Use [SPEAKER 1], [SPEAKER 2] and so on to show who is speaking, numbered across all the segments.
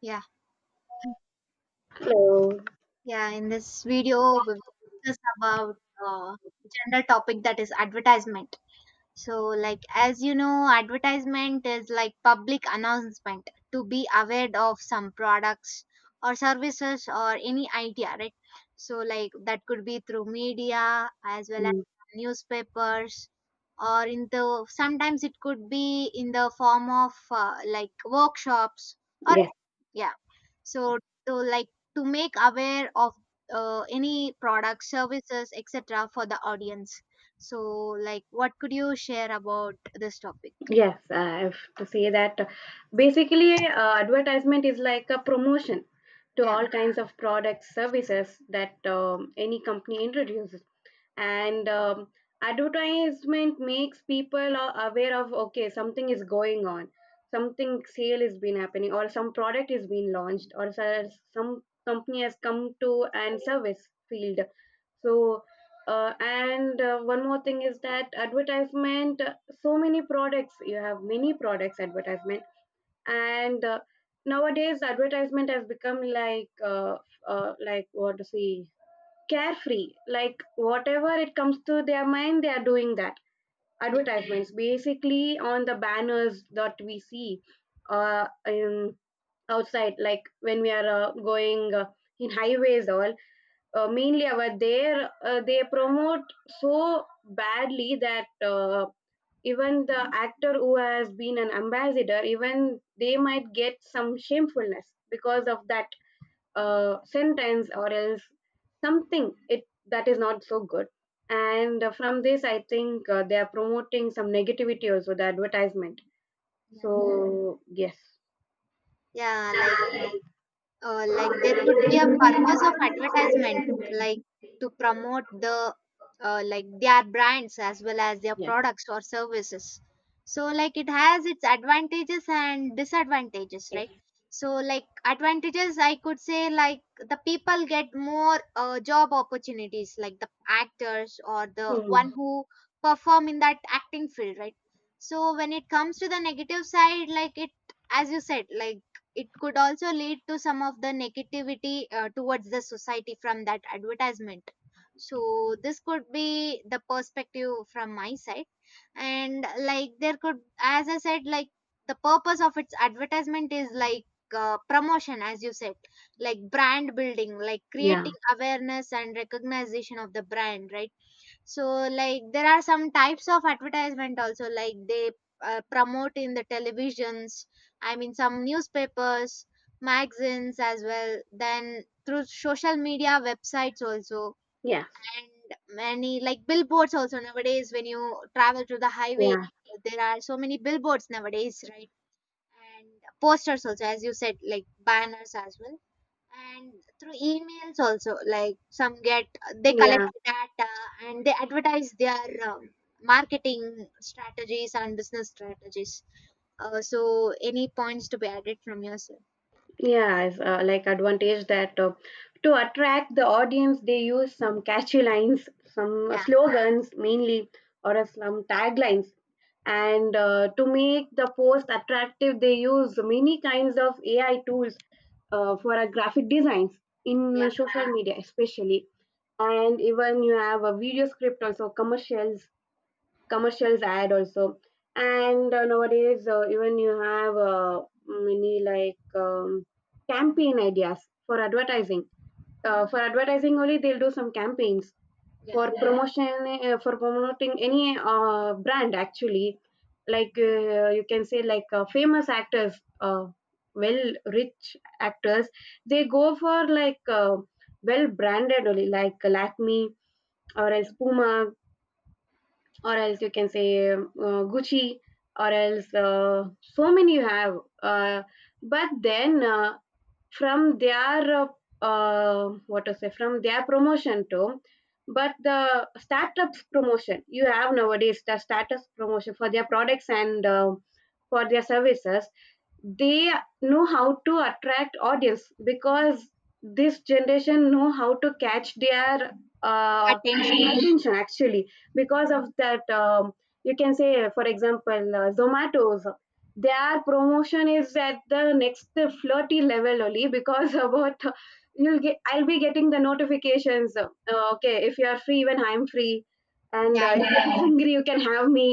[SPEAKER 1] Yeah,
[SPEAKER 2] So
[SPEAKER 1] yeah. In this video, we will discuss about uh, general topic that is advertisement. So, like as you know, advertisement is like public announcement to be aware of some products or services or any idea, right? So, like that could be through media as well as
[SPEAKER 2] mm,
[SPEAKER 1] newspapers, or in the sometimes it could be in the form of like workshops or
[SPEAKER 2] yes,
[SPEAKER 1] yeah so to like to make aware of any product services etc for the audience so like what could you share about this topic.
[SPEAKER 2] yes, I have to say that basically advertisement is like a promotion to
[SPEAKER 1] Yeah,
[SPEAKER 2] all kinds of products, services that any company introduces. And advertisement makes people aware of okay something is going on, something sale has been happening or some product is being launched or some company has come to and service field. So uh, and uh, one more thing is that advertisement so many products, you have many products advertisement. And nowadays advertisement has become like what to say, carefree, like whatever it comes to their mind they are doing that.
[SPEAKER 1] yeah,
[SPEAKER 2] Advertisements basically on the banners that we see in outside, like when we are going in highways all, mainly over there they promote so badly that even the actor who has been an ambassador, even they might get some shamefulness because of that sentence or else something it that is not so good. And from this I think they are promoting some negativity also, the advertisement.
[SPEAKER 1] yeah,
[SPEAKER 2] So yes.
[SPEAKER 1] yeah, like there could be a purpose of advertisement like to promote the like their brands as well as their
[SPEAKER 2] Yes.
[SPEAKER 1] products or services so like it has its advantages and disadvantages, right? So like advantages I could say like the people get more job opportunities like the actors or the one
[SPEAKER 2] Hmm.
[SPEAKER 1] who perform in that acting field, right? So when it comes to the negative side, like it as you said like it could also lead to some of the negativity towards the society from that advertisement. So this could be the perspective from my side. And like there could as I said like the purpose of its advertisement is like promotion as you said, like brand building, like
[SPEAKER 2] Yeah,
[SPEAKER 1] creating awareness and recognition of the brand, right? So, like, there are some types of advertisement also, like, they promote in the televisions, I mean, some newspapers, magazines as well, then through social media websites also,
[SPEAKER 2] yeah,
[SPEAKER 1] and many, like, billboards also. Nowadays, when you travel to the highway,
[SPEAKER 2] yeah,
[SPEAKER 1] there are so many billboards nowadays, right? And posters also, as you said, like, banners as well, and through emails also like some get they collect
[SPEAKER 2] yeah.
[SPEAKER 1] data and they advertise their marketing strategies and business strategies. So any points to be added from your side?
[SPEAKER 2] Yeah, it's like advantage that to attract the audience, they use some catchy lines, some
[SPEAKER 1] Yeah,
[SPEAKER 2] slogans mainly, or some taglines. And to make the post attractive, they use many kinds of AI tools for a graphic designs in
[SPEAKER 1] yeah,
[SPEAKER 2] social media, especially. And even you have a video script also, commercials ad also. And nowadays even you have many like campaign ideas for advertising. For advertising only they'll do some campaigns
[SPEAKER 1] yeah,
[SPEAKER 2] for, yeah, promotion, for promoting any brand actually. Like you can say like famous actors, uh, well, rich actors, they go for like well branded only, like Lakme or else Puma or else you can say Gucci, or else so many you have. Uh, but then from their what to say, from their promotion to, but the startups promotion, you have nowadays the startups promotion for their products and for their services, they know how to attract audience because this generation know how to catch their
[SPEAKER 1] attention,
[SPEAKER 2] attention actually. Because of that, you can say for example Zomato's, their promotion is at the next flirty level only because about, you'll get, I'll be getting the notifications, okay if you are free when I'm free and
[SPEAKER 1] yeah, yeah,
[SPEAKER 2] if you're hungry you can have me.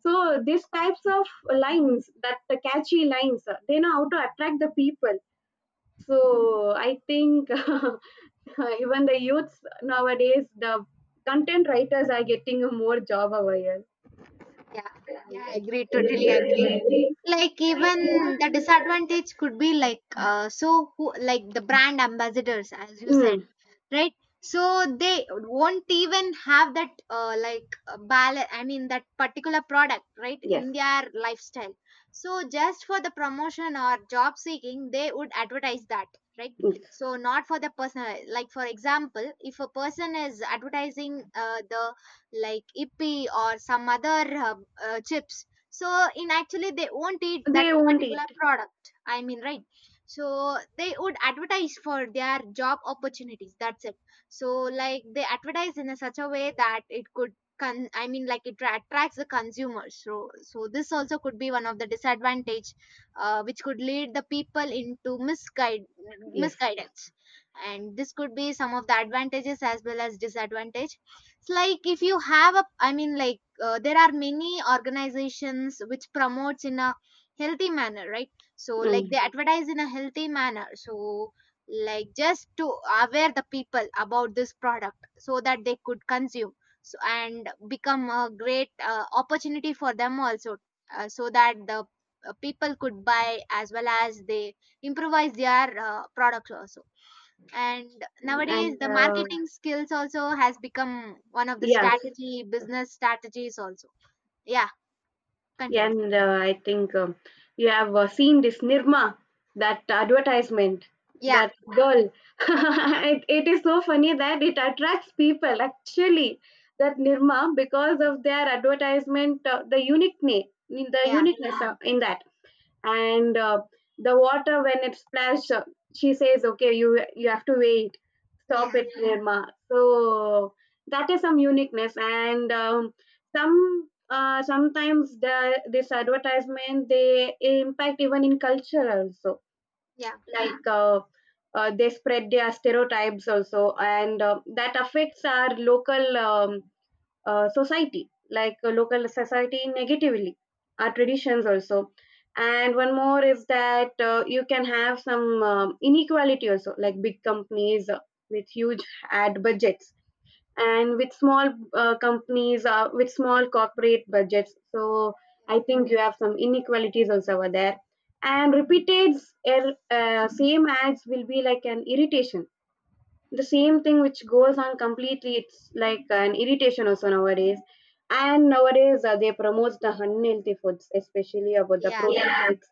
[SPEAKER 2] So these types of lines, that the catchy lines, they know how to attract the people. So I think even the youths nowadays, the content writers are getting a more job over here.
[SPEAKER 1] yeah, yeah, I
[SPEAKER 2] Yes.
[SPEAKER 1] agree, totally agree. Like even the disadvantage could be like so who like the brand ambassadors as you said,
[SPEAKER 2] Mm,
[SPEAKER 1] right? So they won't even have that I mean that particular product right
[SPEAKER 2] yes.
[SPEAKER 1] in their lifestyle. So just for the promotion or job seeking they would advertise that, right?
[SPEAKER 2] Mm.
[SPEAKER 1] So not for the personal, like for example if a person is advertising the like ippy or some other uh, chips, so in actually they won't eat that
[SPEAKER 2] They won't eat.
[SPEAKER 1] particular product I mean, right? So they would advertise for their job opportunities, that's it. So like they advertise in a such a way that it could I mean like it attracts the consumers, so this also could be one of the disadvantage which could lead the people into misguide,
[SPEAKER 2] Yes.
[SPEAKER 1] misguidance. And this could be some of the advantages as well as disadvantage. It's like if you have a I mean like there are many organizations which promotes in a healthy manner, right? So like they
[SPEAKER 2] Mm.
[SPEAKER 1] advertise in a healthy manner so like just to aware the people about this product so that they could consume so and become a great opportunity for them also. So that the people could buy as well as they improvise their products also. And
[SPEAKER 2] And
[SPEAKER 1] nowadays the
[SPEAKER 2] uh,
[SPEAKER 1] marketing skills also has become one of the
[SPEAKER 2] yeah.
[SPEAKER 1] strategy business strategies also. Yeah,
[SPEAKER 2] Yeah,
[SPEAKER 1] continue.
[SPEAKER 2] and I think you have seen this Nirma, that advertisement,
[SPEAKER 1] Yeah,
[SPEAKER 2] that girl. It is so funny that it attracts people actually. That Nirma, because of their advertisement, the unique name, the
[SPEAKER 1] yeah,
[SPEAKER 2] uniqueness in that, and the water when it splashed, she says okay you have to wait, stop
[SPEAKER 1] yeah,
[SPEAKER 2] it Nirma. So that is some uniqueness, and some sometimes the this advertisement they impact even in culture also,
[SPEAKER 1] yeah,
[SPEAKER 2] like they spread their stereotypes also and that affects our local society, like local society negatively, our traditions also. And one more is that you can have some inequality also, like big companies with huge ad budgets, and with small companies with small corporate budgets. So I think you have some inequalities also over there. And repeated same ads will be like an irritation, the same thing which goes on completely, it's like an irritation also nowadays. And nowadays they promote the unhealthy foods, especially about the
[SPEAKER 1] yeah,
[SPEAKER 2] protein, yeah, foods,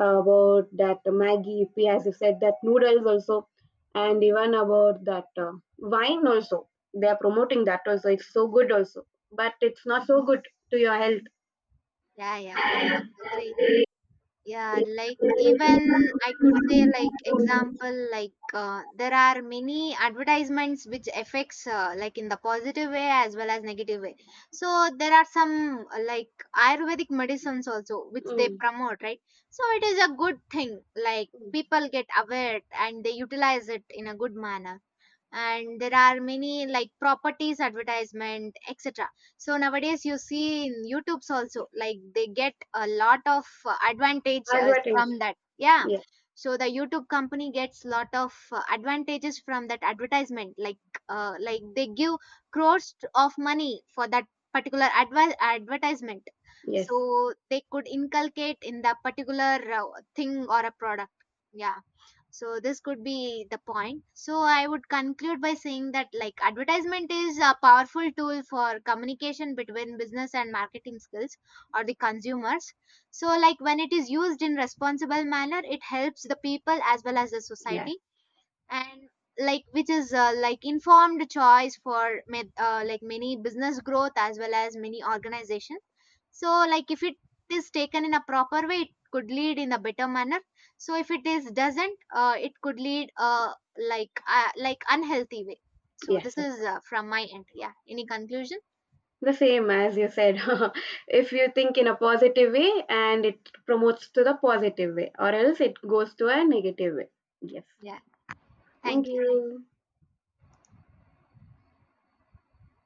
[SPEAKER 2] about that maggie yippee as you said, that noodles also, and even about that wine also, they are promoting that also, it's so good also, but it's not so good to your health.
[SPEAKER 1] yeah, yeah. I agree. Yeah, like
[SPEAKER 2] Mm.
[SPEAKER 1] even I could say like example like there are many advertisements which affects like in the positive way as well as negative way. So there are some like Ayurvedic medicines also which they
[SPEAKER 2] Mm.
[SPEAKER 1] promote, right? So it is a good thing. Like people get aware and they utilize it in a good manner, and there are many like properties advertisement etc. So nowadays you see in youtube's also like they get a lot of advantage
[SPEAKER 2] Advertise.
[SPEAKER 1] from that, yeah.
[SPEAKER 2] Yeah.
[SPEAKER 1] So the youtube company gets lot of advantages from that advertisement like they give crores of money for that particular advertisement
[SPEAKER 2] Yes.
[SPEAKER 1] so they could inculcate in the particular thing or a product, yeah. So this could be the point. So I would conclude by saying that like advertisement is a powerful tool for communication between business and marketing skills or the consumers. So like when it is used in responsible manner, it helps the people as well as the
[SPEAKER 2] Yeah.
[SPEAKER 1] society, and like which is like informed choice for like many business growth as well as many organizations. So, like if it is taken in a proper way, it could lead in a better manner. So, if it is doesn't, it could lead like unhealthy way. So,
[SPEAKER 2] Yes.
[SPEAKER 1] this is from my end. Yeah. Any conclusion?
[SPEAKER 2] The same as you said, if you think in a positive way and it promotes to the positive way, or else it goes to a negative way. Yes.
[SPEAKER 1] Yeah.
[SPEAKER 2] Thank
[SPEAKER 1] Thank you.
[SPEAKER 2] you.